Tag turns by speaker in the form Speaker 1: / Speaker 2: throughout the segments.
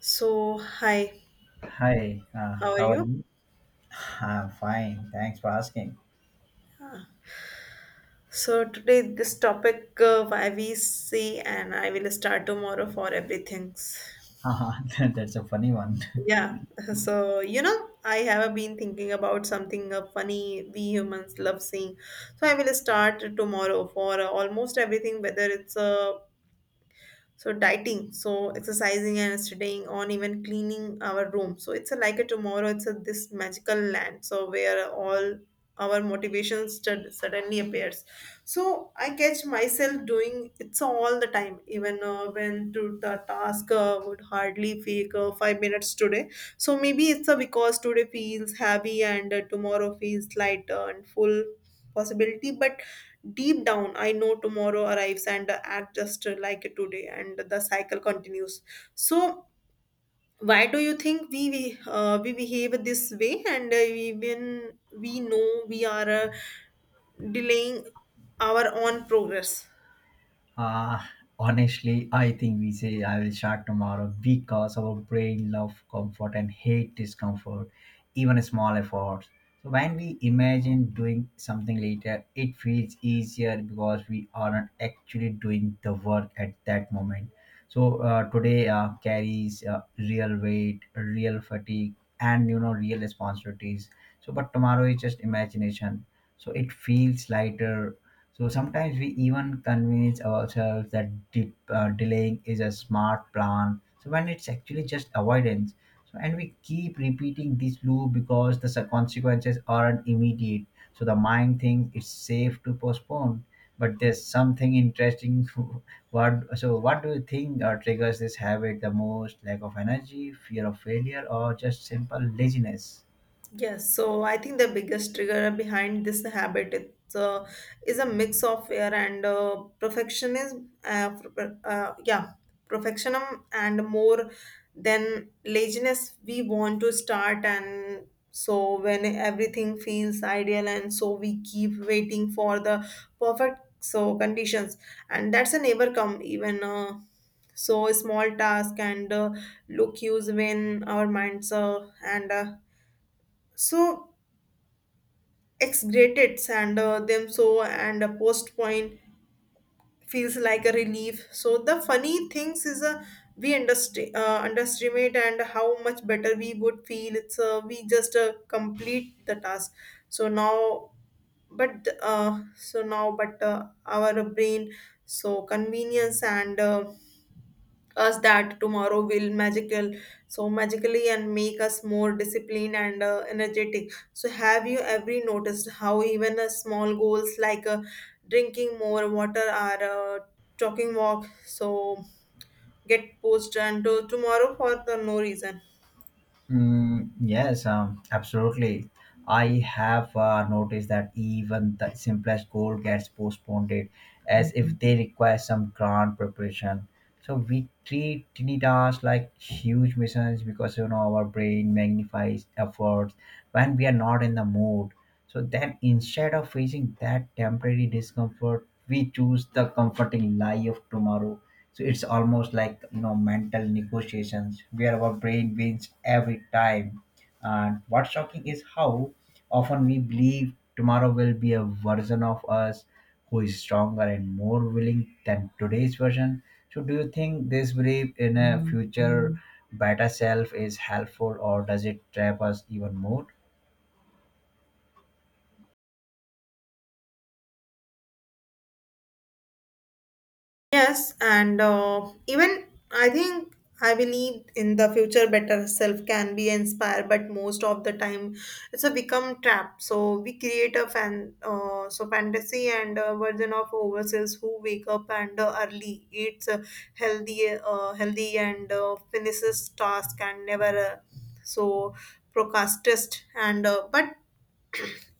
Speaker 1: So, hi,
Speaker 2: Hi,
Speaker 1: how are
Speaker 2: how are
Speaker 1: you?
Speaker 2: you? I'm fine. Thanks for asking.
Speaker 1: So, today this topic why we see, and I will start tomorrow for everything.
Speaker 2: That's a funny one.
Speaker 1: Yeah, so I have been thinking about something funny we humans love seeing. So, I will start tomorrow for almost everything, whether it's so dieting so exercising and studying, on even cleaning our room so it's a, like a tomorrow it's a this magical land so where all our motivation suddenly appears. So I catch myself doing it's all the time even when to the task would hardly fake 5 minutes today. So maybe it's because today feels heavy and tomorrow feels lighter and full possibility but deep down, I know tomorrow arrives and I act just like today, and the cycle continues. So, why do you think we behave this way? And even we know we are delaying our own progress.
Speaker 2: Uh, Honestly, I think we say I will start tomorrow because our brain loves comfort and hate discomfort, even small efforts. So when we imagine doing something later, it feels easier because we aren't actually doing the work at that moment. So today carries real weight, real fatigue, and you know real responsibilities. So but tomorrow is just imagination. So it feels lighter, so sometimes we even convince ourselves that delaying is a smart plan. So when it's actually just avoidance. So and we keep repeating this loop because the consequences aren't immediate. So the mind thinks it's safe to postpone. But there's something interesting. What do you think triggers this habit the most? Lack of energy, fear of failure, or just simple laziness?
Speaker 1: Yes, so I think the biggest trigger behind this habit it's, is a mix of fear and perfectionism. Yeah, perfectionism and more than laziness. We want to start, and so when everything feels ideal, and so we keep waiting for the perfect so conditions, and that's a never come even. So small task and look use when our minds and so exaggerates and them so and a post point feels like a relief. So the funny things is we underestimate and how much better we would feel it's we just complete the task so now but our brain so convenience and us that tomorrow will magical so magically and make us more disciplined and energetic. So have you ever noticed how even small goals like drinking more water or talking walk so get pushed and to tomorrow for the no reason?
Speaker 2: Mm, yes, absolutely. I have noticed that even the simplest goal gets postponed it as if they require some grand preparation. So we treat tiny tasks like huge missions because you know our brain magnifies efforts when we are not in the mood. So then instead of facing that temporary discomfort, we choose the comforting lie of tomorrow, so it's almost like you know mental negotiations where our brain wins every time. And what's shocking is how often we believe tomorrow will be a version of us who is stronger and more willing than today's version. So do you think this belief in a future better self is helpful or does it trap us even more?
Speaker 1: Yes, and even I think I believe in the future better self can be inspired, but most of the time it's a become trap. So we create a so fantasy and a version of ourselves who wake up and early, eats healthy and finishes task and never so procrastist and but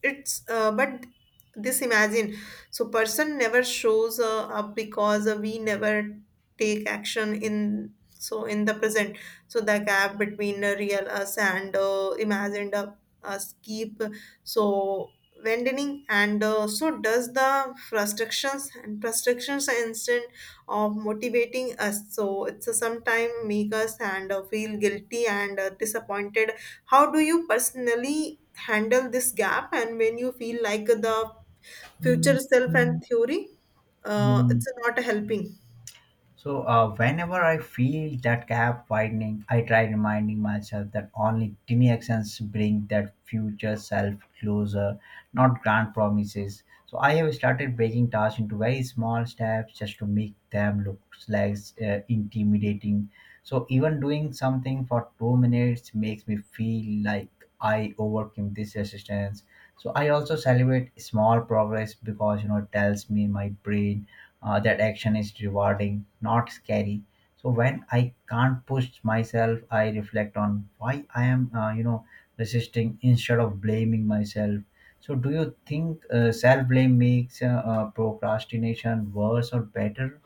Speaker 1: it's but this imagine so person never shows up because we never take action in so in the present. So the gap between the real us and imagined us keep so widening and so does the frustrations instant of motivating us. So it's a sometime make us and feel guilty and disappointed. How do you personally handle this gap and when you feel like the future self and theory
Speaker 2: Hmm.
Speaker 1: it's not helping?
Speaker 2: So whenever I feel that gap widening, I try reminding myself that only tiny actions bring that future self closer, not grand promises. So I have started breaking tasks into very small steps just to make them look less intimidating. So even doing something for 2 minutes makes me feel like I overcame this resistance. So I also celebrate small progress because you know it tells me my brain that action is rewarding, not scary. So when I can't push myself, I reflect on why I am, you know, resisting instead of blaming myself. So do you think self blame makes procrastination worse or better?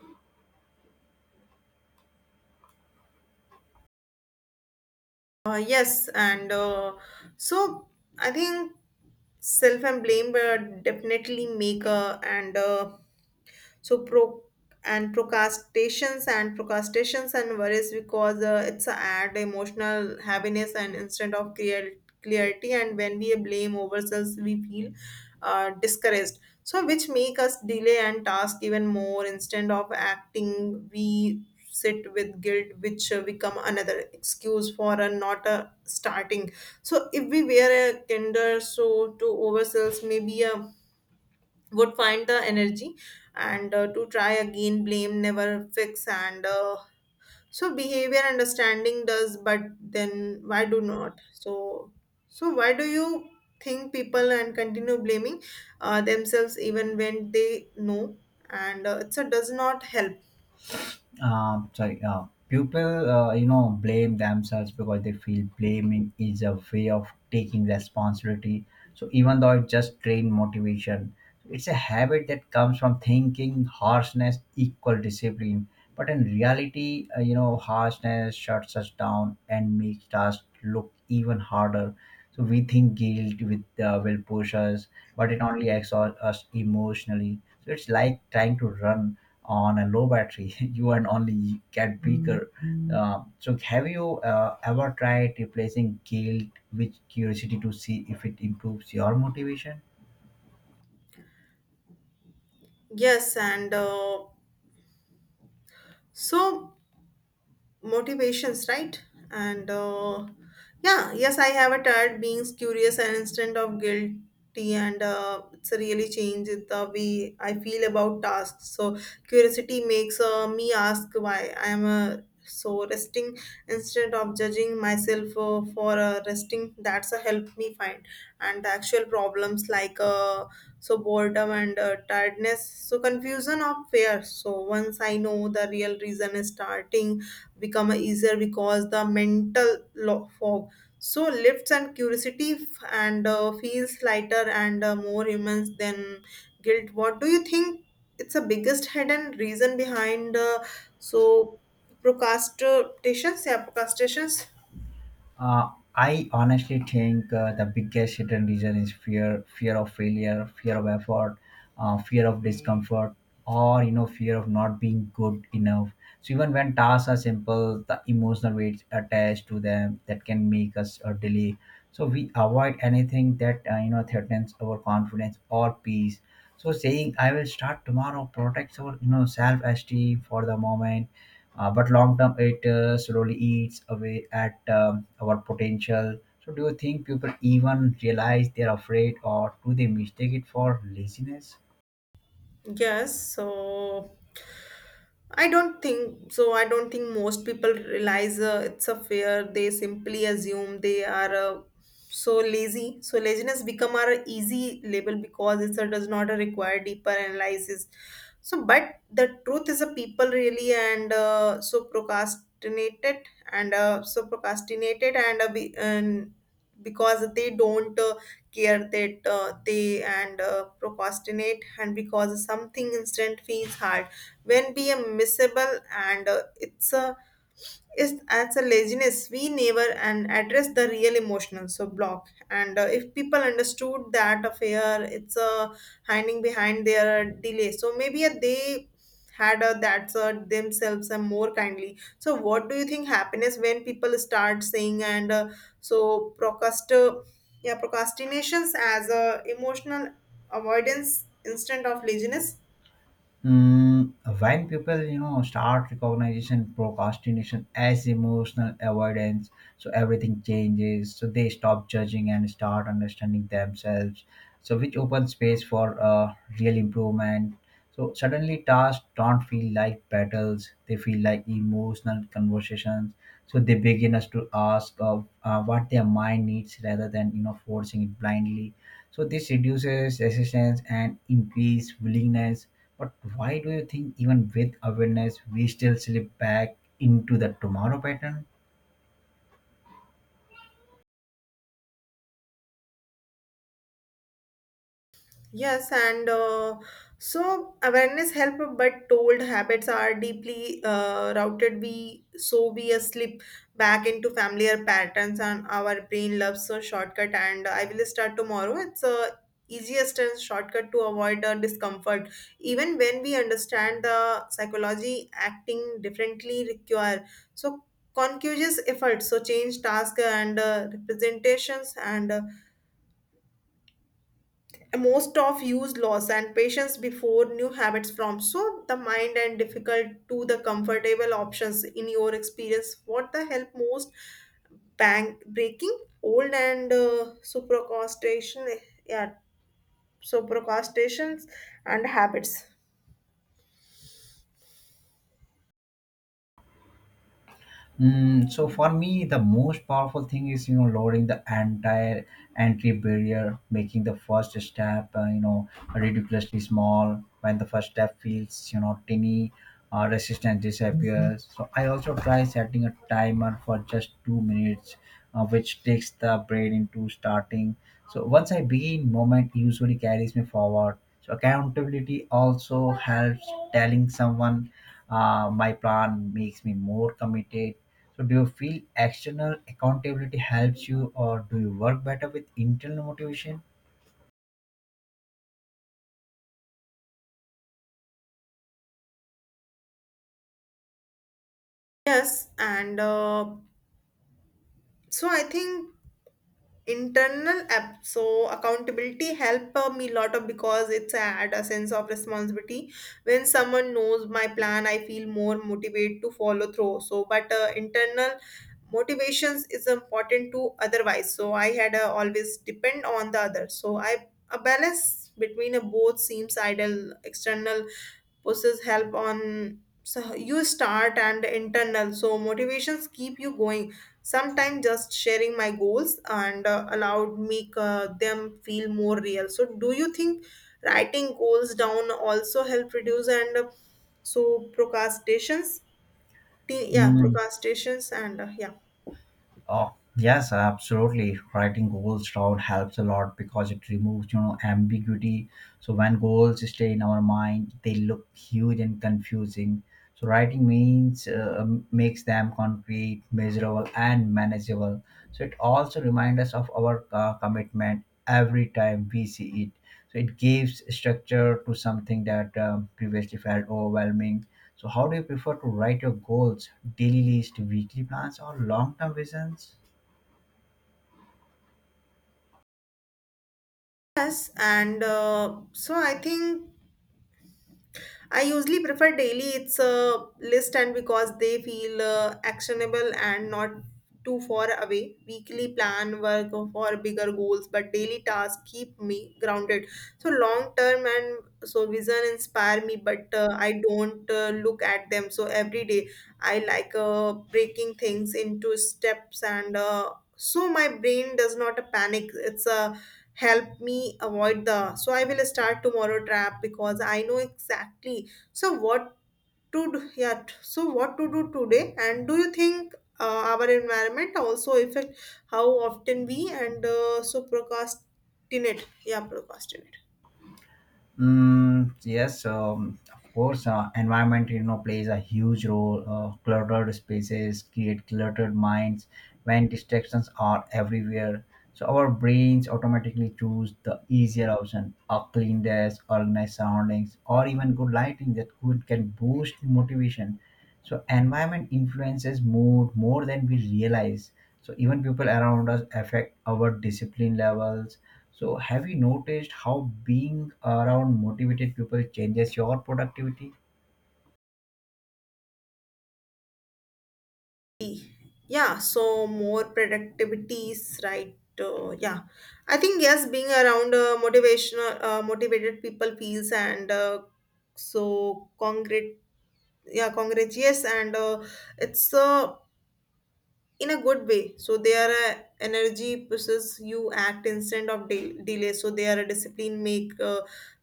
Speaker 1: Yes, and so I think self and blame definitely make and so procrastinations and worries because it's add emotional heaviness and instead of clarity. And when we blame ourselves we feel discouraged, so which make us delay and task even more. Instead of acting we sit with guilt which become another excuse for a not a starting. So if we were a kinder so to ourselves maybe would find the energy and to try again. Blame never fix and so behavior understanding does. But then why do not so so why do you think people and continue blaming themselves even when they know and it's a does not help?
Speaker 2: Sorry, people, you know, blame themselves because they feel blaming is a way of taking responsibility. So even though it just drain motivation, it's a habit that comes from thinking harshness equal discipline. But in reality, you know, harshness shuts us down and makes us look even harder. So we think guilt with, will push us, but it only exhausts us emotionally. So it's like trying to run on a low battery. You and only get weaker. So have you ever tried replacing guilt with curiosity to see if it improves your motivation?
Speaker 1: Yes, and so motivations right and yeah, yes I have a tired being curious and instead of guilty and it's really changed the way I feel about tasks. So curiosity makes me ask why I am so resting instead of judging myself for resting. That's help me find and the actual problems like so boredom and tiredness so confusion of fear. So once I know the real reason is starting become easier because the mental fog so lifts, and curiosity f- and feels lighter and more humans than guilt. What do you think it's the biggest hidden reason behind so procrastinations? Yeah Procrastinations.
Speaker 2: Uh, I honestly think the biggest hidden reason is fear, fear of failure, fear of effort, fear of discomfort, or you know, fear of not being good enough. So even when tasks are simple, the emotional weight attached to them that can make us delay. So we avoid anything that you know threatens our confidence or peace. So saying "I will start tomorrow" protects our you know self-esteem for the moment, but long term it slowly eats away at our potential. So do you think people even realize they're afraid or do they mistake it for laziness?
Speaker 1: Yes, so I don't think so. I don't think most people realize it's a fear. They simply assume they are so lazy. So laziness become our easy label because it does not require deeper analysis. So, but the truth is, a people really and so procrastinated and because they don't care that they and procrastinate and because something instant feels hard when be a missable and it's a yes, that's a laziness. We never and address the real emotional so block. And if people understood that affair, it's hiding behind their delay. So maybe they had that themselves and more kindly. So what do you think happiness when people start saying and so procrastinations as a emotional avoidance instead of laziness?
Speaker 2: Mm, when people you know start recognition, procrastination as emotional avoidance, so everything changes, so they stop judging and start understanding themselves, so which opens space for real improvement. So suddenly tasks don't feel like battles, they feel like emotional conversations, so they begin us to ask of what their mind needs rather than you know forcing it blindly, so this reduces resistance and increase willingness. But why do you think even with awareness we still slip back into the tomorrow pattern?
Speaker 1: Yes, and so awareness help, but told habits are deeply routed. We slip back into familiar patterns, and our brain loves a shortcut. And I will start tomorrow. It's a easiest and shortcut to avoid discomfort. Even when we understand the psychology, acting differently require so conscious effort. So change task and representations and most of use loss and patience before new habits from so the mind and difficult to the comfortable options. In your experience what the help most bank breaking old and supercostation? Yeah So procrastinations and habits.
Speaker 2: Mm, so for me, the most powerful thing is you know lowering the entire entry barrier, making the first step you know ridiculously small. When the first step feels you know tiny, resistance disappears. So I also try setting a timer for just 2 minutes, which takes the brain into starting. So once I begin, moment usually carries me forward. So accountability also helps telling someone my plan makes me more committed. So do you feel external accountability helps you or do you work better with internal motivation?
Speaker 1: Yes, and so I think internal app so accountability help me a lot of because it's add a sense of responsibility. When someone knows my plan I feel more motivated to follow through. So but internal motivations is important to otherwise so I had always depend on the other so I a balance between a both seems ideal. External pushes help on so you start and internal so motivations keep you going. Sometimes just sharing my goals and allowed make them feel more real. So do you think writing goals down also help reduce and so procrastinations?
Speaker 2: Mm,
Speaker 1: Procrastinations and yeah.
Speaker 2: oh, yes, absolutely. Writing goals down helps a lot because it removes, you know, ambiguity. So when goals stay in our mind, they look huge and confusing. So writing means makes them concrete, measurable, and manageable. So it also reminds us of our commitment every time we see it. So it gives structure to something that previously felt overwhelming. So, how do you prefer to write your goals? Daily list, weekly plans, or long-term visions?
Speaker 1: Yes, and so I think I usually prefer daily. It's a list, and because they feel actionable and not too far away. Weekly plan work for bigger goals, but daily tasks keep me grounded. So long term and so vision inspire me, but I don't look at them. So every day I like breaking things into steps, and so my brain does not panic. It's a help me avoid the so I will start tomorrow trap because I know exactly so what to do. Yeah, so what to do today. And do you think our environment also affect how often we and so procrastinate? Yeah Procrastinate.
Speaker 2: Mm, yes, of course. Environment, you know, plays a huge role. Cluttered spaces create cluttered minds. When distractions are everywhere, so our brains automatically choose the easier option: a clean desk, organized surroundings, or even good lighting that could can boost motivation. So environment influences mood more than we realize, so even people around us affect our discipline levels. So have you noticed how being around motivated people changes your productivity?
Speaker 1: Yeah, so more productivities right yeah. I think yes, being around motivational motivated people feels and so congrat yeah congrats. Yes, and it's in a good way. So their energy pushes you act instead of delay. So they are a discipline make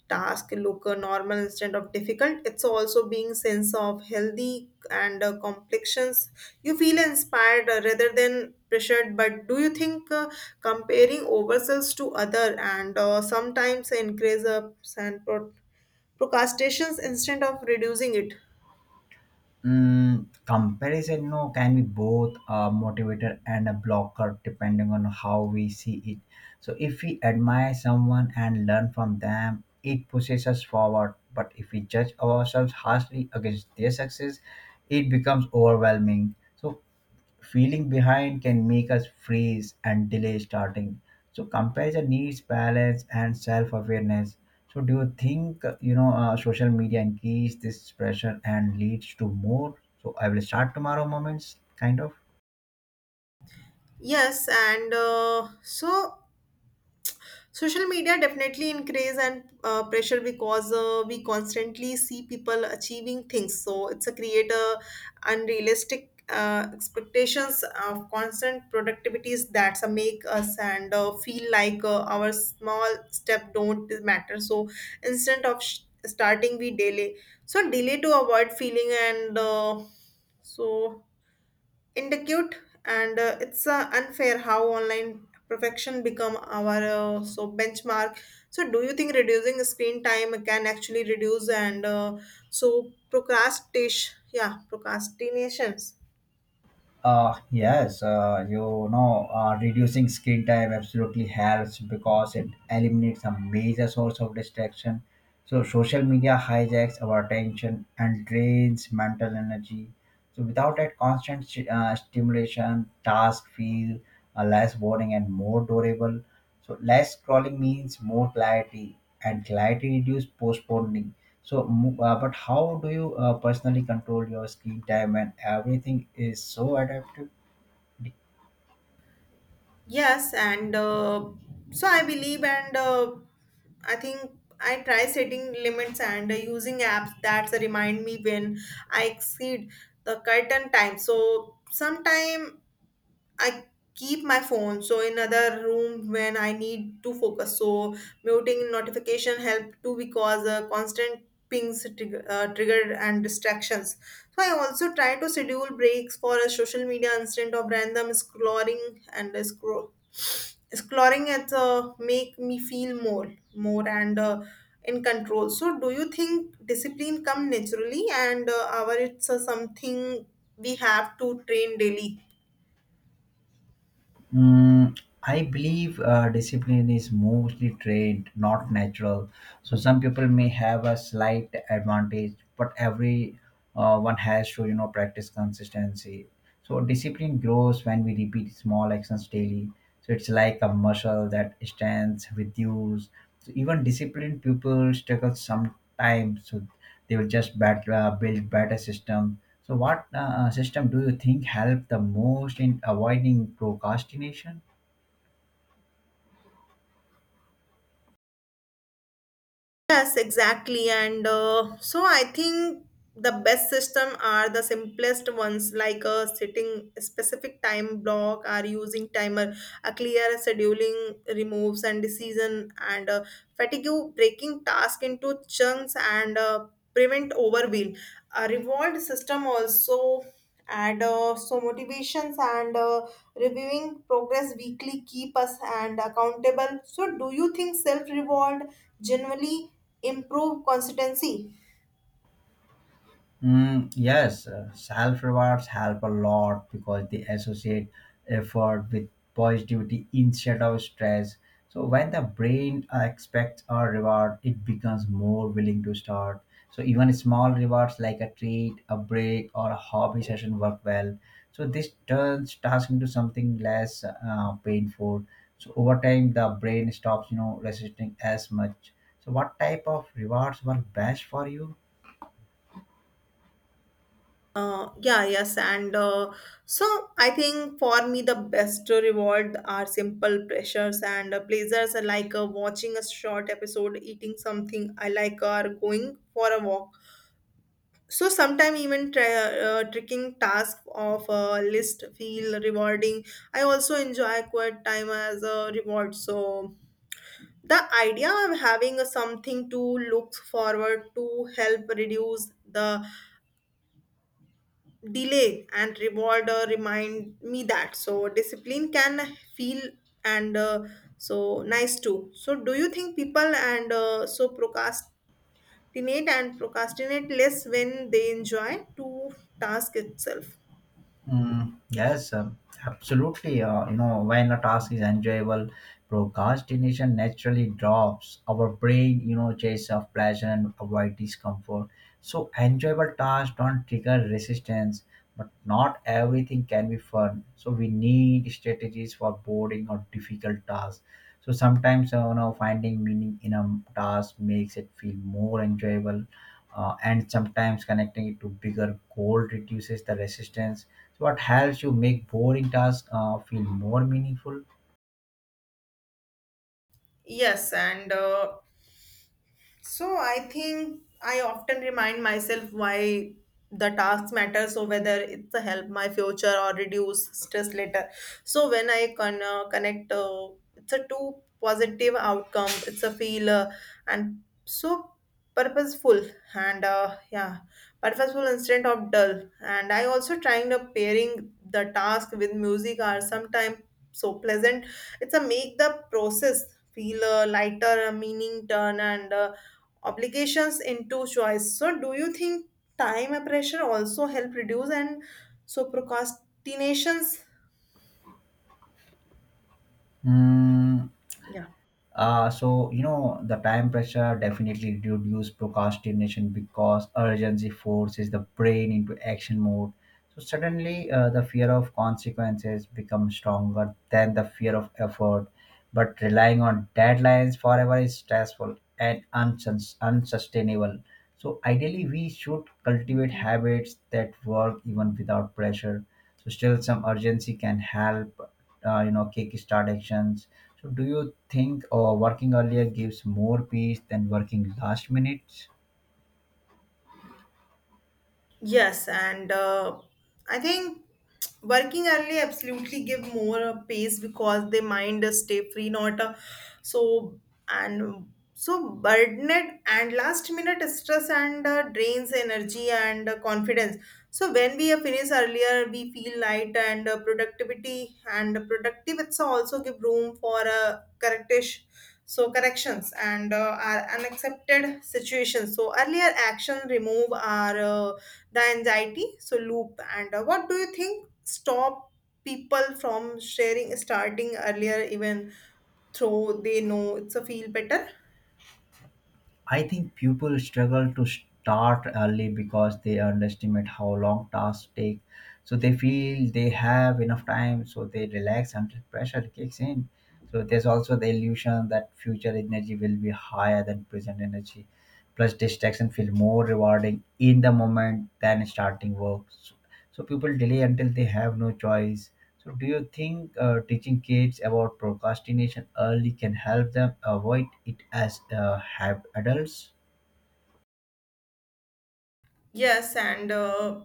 Speaker 1: task look normal instead of difficult. It's also being sense of healthy and complexions. You feel inspired rather than pressured. But do you think comparing ourselves to other and sometimes increase ups and procrastinations instead of reducing it?
Speaker 2: Mm, comparison no can be both a motivator and a blocker depending on how we see it. So if we admire someone and learn from them it pushes us forward, but if we judge ourselves harshly against their success it becomes overwhelming, so feeling behind can make us freeze and delay starting. So comparison needs balance and self-awareness. So do you think you know social media increase this pressure and leads to more? So I will start tomorrow moments, kind of.
Speaker 1: Yes, and so social media definitely increase and pressure because we constantly see people achieving things. So it's a creator unrealistic expectations of constant productivities that make us and feel like our small step don't matter. So instead of starting we delay to avoid feeling and so indicate and it's unfair how online perfection become our so benchmark. So do you think reducing screen time can actually reduce and so procrastination? Yeah Procrastinations.
Speaker 2: Yes, you know, reducing screen time absolutely helps because it eliminates a major source of distraction. So, social media hijacks our attention and drains mental energy. So, without that constant stimulation, tasks feel less boring and more durable. So, less scrolling means more clarity, and clarity reduces postponing. So, but how do you personally control your screen time when everything is so adaptive?
Speaker 1: Yes, and so I believe and I think I try setting limits and using apps that remind me when I exceed the curtain time. So sometime I keep my phone so in other room when I need to focus. So muting notification help too because constant pings triggered and distractions. So I also try to schedule breaks for a social media instead of random scrolling and scroll. Exploring it make me feel more and in control. So, do you think discipline come naturally, and our it's something we have to train daily?
Speaker 2: Mm, I believe discipline is mostly trained, not natural. So some people may have a slight advantage, but every one has to, you know, practice consistency. So discipline grows when we repeat small actions daily. So it's like a muscle that stands with use. So even disciplined people struggle sometimes. So they will just build better systems. So, what system do you think help the most in avoiding procrastination?
Speaker 1: Yes, exactly. And so I think the best system are the simplest ones like setting a specific time block or using timer. A clear scheduling removes and decision and fatigue breaking task into chunks and prevent overwheel. A revolved system also and so motivations and reviewing progress weekly keep us and accountable. So do you think self reward generally improve consistency?
Speaker 2: Mm, yes, self rewards help a lot because they associate effort with positivity instead of stress. So, when the brain expects a reward, it becomes more willing to start. So, even small rewards like a treat, a break, or a hobby session work well. So, this turns task into something less painful. So, over time, the brain stops, you know, resisting as much. So, what type of rewards work best for you?
Speaker 1: Yeah, yes, and so I think for me the best reward are simple pleasures and pleasures like watching a short episode, eating something I like, or going for a walk. So sometimes even tricking task of a list feel rewarding. I also enjoy quiet time as a reward. So the idea of having a something to look forward to help reduce the delay and reward remind me that so discipline can feel and so nice too. So do you think people and so procrastinate and procrastinate less when they enjoy to task itself?
Speaker 2: Mm, yes, absolutely. You know, when a task is enjoyable, procrastination naturally drops. Our brain, you know, chase of pleasure and avoid discomfort. So enjoyable tasks don't trigger resistance, but not everything can be fun. So we need strategies for boring or difficult tasks. So sometimes, you know, finding meaning in a task makes it feel more enjoyable, and sometimes connecting it to bigger goal reduces the resistance. So what helps you make boring tasks feel more meaningful?
Speaker 1: Yes, and so I think I often remind myself why the tasks matter. So whether it's to help my future or reduce stress later. So when I connect, it's a two positive outcome. It's a feel and so purposeful and uh, yeah, purposeful instead of dull. And I also trying to pairing the task with music are sometimes so pleasant. It's a make the process feel lighter, a meaning turn and. Obligations into choice. So, do you think time pressure also help reduce and so procrastinations?
Speaker 2: Hmm.
Speaker 1: Yeah.
Speaker 2: So you know the time pressure definitely reduces procrastination because urgency forces the brain into action mode. So suddenly the fear of consequences becomes stronger than the fear of effort. But relying on deadlines forever is stressful and unsustainable. So ideally, we should cultivate habits that work even without pressure. So still, some urgency can help you know kick start actions. So do you think working earlier gives more peace than working last minute?
Speaker 1: Yes, and I think working early absolutely give more pace because they mind stay free, not so so burdened, and last minute stress and drains energy and confidence. So when we finish earlier, we feel light and productivity and productive. It's also give room for correctish so corrections and are unaccepted situations. So earlier action remove our. The anxiety so loop and what do you think stop people from sharing starting earlier even though they know it's a feel better?
Speaker 2: I think people struggle to start early because they underestimate how long tasks take. So they feel they have enough time, so they relax until pressure kicks in. So there's also the illusion that future energy will be higher than present energy. Plus, distraction feel more rewarding in the moment than starting work. So, so people delay until they have no choice. So, do you think teaching kids about procrastination early can help them avoid it as have adults?
Speaker 1: Yes, and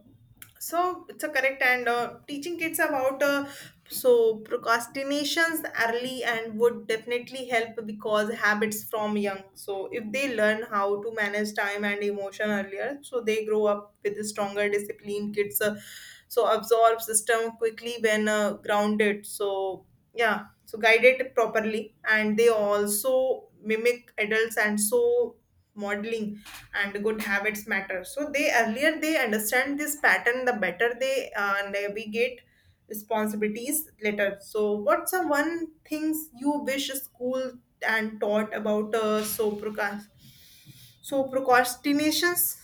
Speaker 1: so it's a correct and teaching kids about so procrastinations early and would definitely help because habits from young. So if they learn how to manage time and emotion earlier, so they grow up with a stronger discipline. Kids so absorb system quickly when grounded. So yeah, so guided properly, and they also mimic adults and so modeling and good habits matter. So they earlier they understand this pattern, the better they navigate responsibilities later. So what's the one things you wish school and taught about so procrastinations?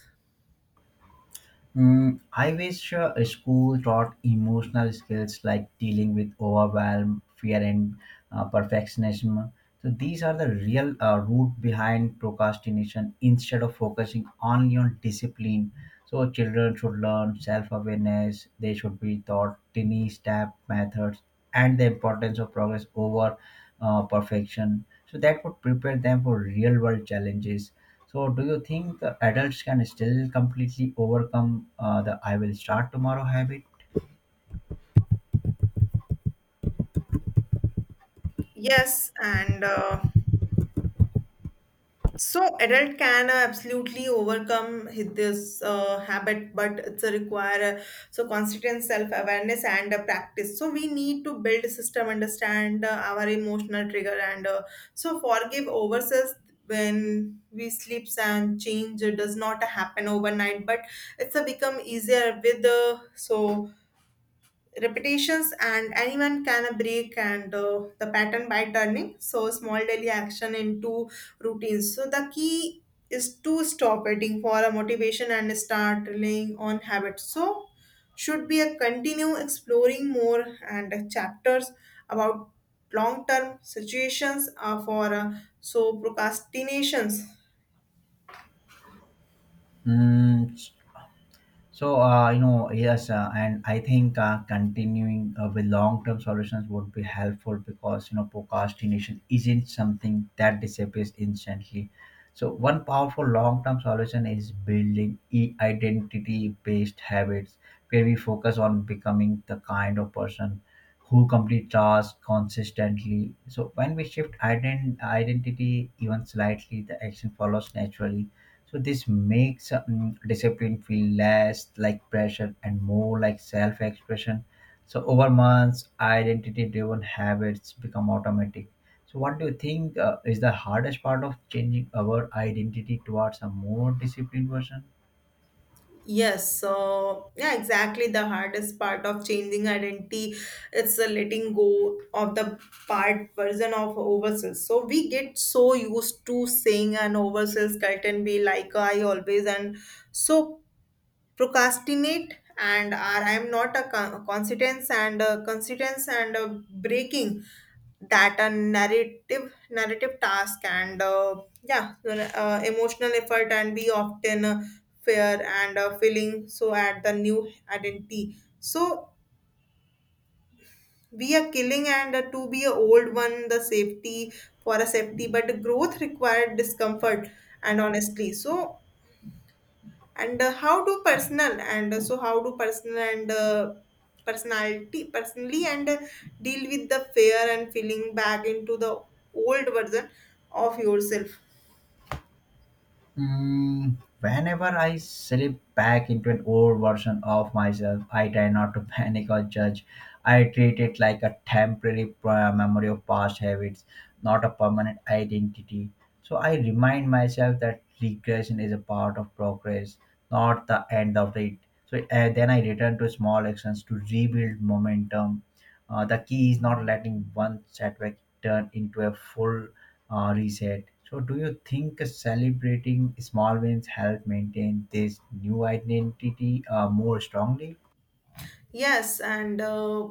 Speaker 2: Mm, I wish a school taught emotional skills like dealing with overwhelm, fear, and perfectionism. So these are the real root behind procrastination instead of focusing only on discipline. So children should learn self-awareness. They should be taught tiny step methods and the importance of progress over perfection. So that would prepare them for real-world challenges. So, do you think the adults can still completely overcome the "I will start tomorrow" habit?
Speaker 1: Yes, and so adult can absolutely overcome this habit, but it's a require so constant self awareness and practice. So we need to build a system, understand our emotional trigger, and so forgive ourselves when we sleeps and change does not happen overnight, but it's a become easier with so repetitions, and anyone can break and the pattern by turning so small daily action into routines. So the key is to stop waiting for a motivation and start relying on habits. So should be a continue exploring more and chapters about long term situations for so procrastinations.
Speaker 2: Mm, so, you know, yes, and I think continuing with long-term solutions would be helpful because, you know, procrastination isn't something that disappears instantly. So, one powerful long-term solution is building identity-based habits where we focus on becoming the kind of person who complete tasks consistently. So, when we shift identity even slightly, the action follows naturally, so this makes discipline feel less like pressure and more like self-expression. So over months, identity-driven habits become automatic. So what do you think is the hardest part of changing our identity towards a more disciplined version?
Speaker 1: Yes, so yeah, exactly. The hardest part of changing identity, it's the letting go of the part version of ourselves. So we get so used to saying an ourselves cult and be like, "Oh, I always and so procrastinate and are I am not a consequence and consequence and breaking that a narrative task and yeah emotional effort and we often fear and feeling so at the new identity. So we are killing and to be a old one the safety for a safety, but growth required discomfort and honestly so and how do personal and so how do personal and personality personally and deal with the fear and feeling back into the old version of yourself?
Speaker 2: Mm, whenever I slip back into an old version of myself, I try not to panic or judge. I treat it like a temporary memory of past habits, not a permanent identity. So I remind myself that regression is a part of progress, not the end of it. So then I return to small actions to rebuild momentum. The key is not letting one setback turn into a full reset. So, do you think celebrating small wins help maintain this new identity more strongly?
Speaker 1: Yes, and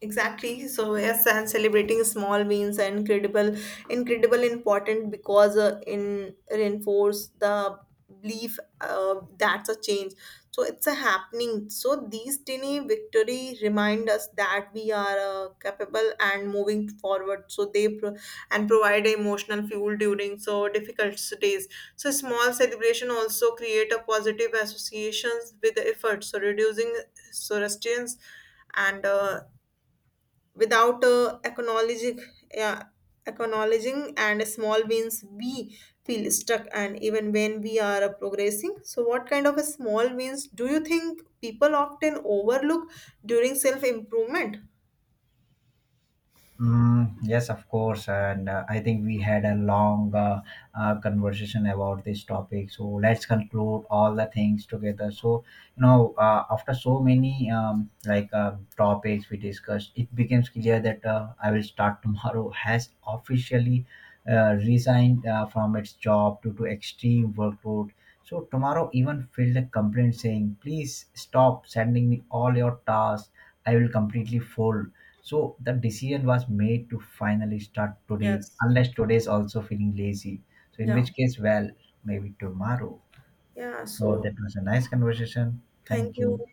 Speaker 1: exactly. So yes, and celebrating small wins are incredible, incredible important because in reinforce the belief that's a change. So it's a happening. So these tiny victory remind us that we are capable and moving forward. So they pro- and provide emotional fuel during so difficult days. So small celebration also create a positive associations with the effort. So reducing Zoroastrians, and without acknowledging, yeah, acknowledging and small wins, we feel stuck. And even when we are progressing, so what kind of a small wins do you think people often overlook during self improvement?
Speaker 2: Mm, yes, of course, and I think we had a long conversation about this topic. So let's conclude all the things together. So you know, after so many like topics we discussed, it becomes clear that I will start tomorrow has officially resigned from its job due to extreme workload, so tomorrow even filed a complaint saying, please stop sending me all your tasks. I will completely fold. So the decision was made to finally start today,
Speaker 1: Yes.
Speaker 2: unless today is also feeling lazy. So in
Speaker 1: Yeah.
Speaker 2: which case, well, maybe tomorrow.
Speaker 1: Yeah.
Speaker 2: Oh,
Speaker 1: So
Speaker 2: that was a nice conversation.
Speaker 1: thank
Speaker 2: Thank you.
Speaker 1: you.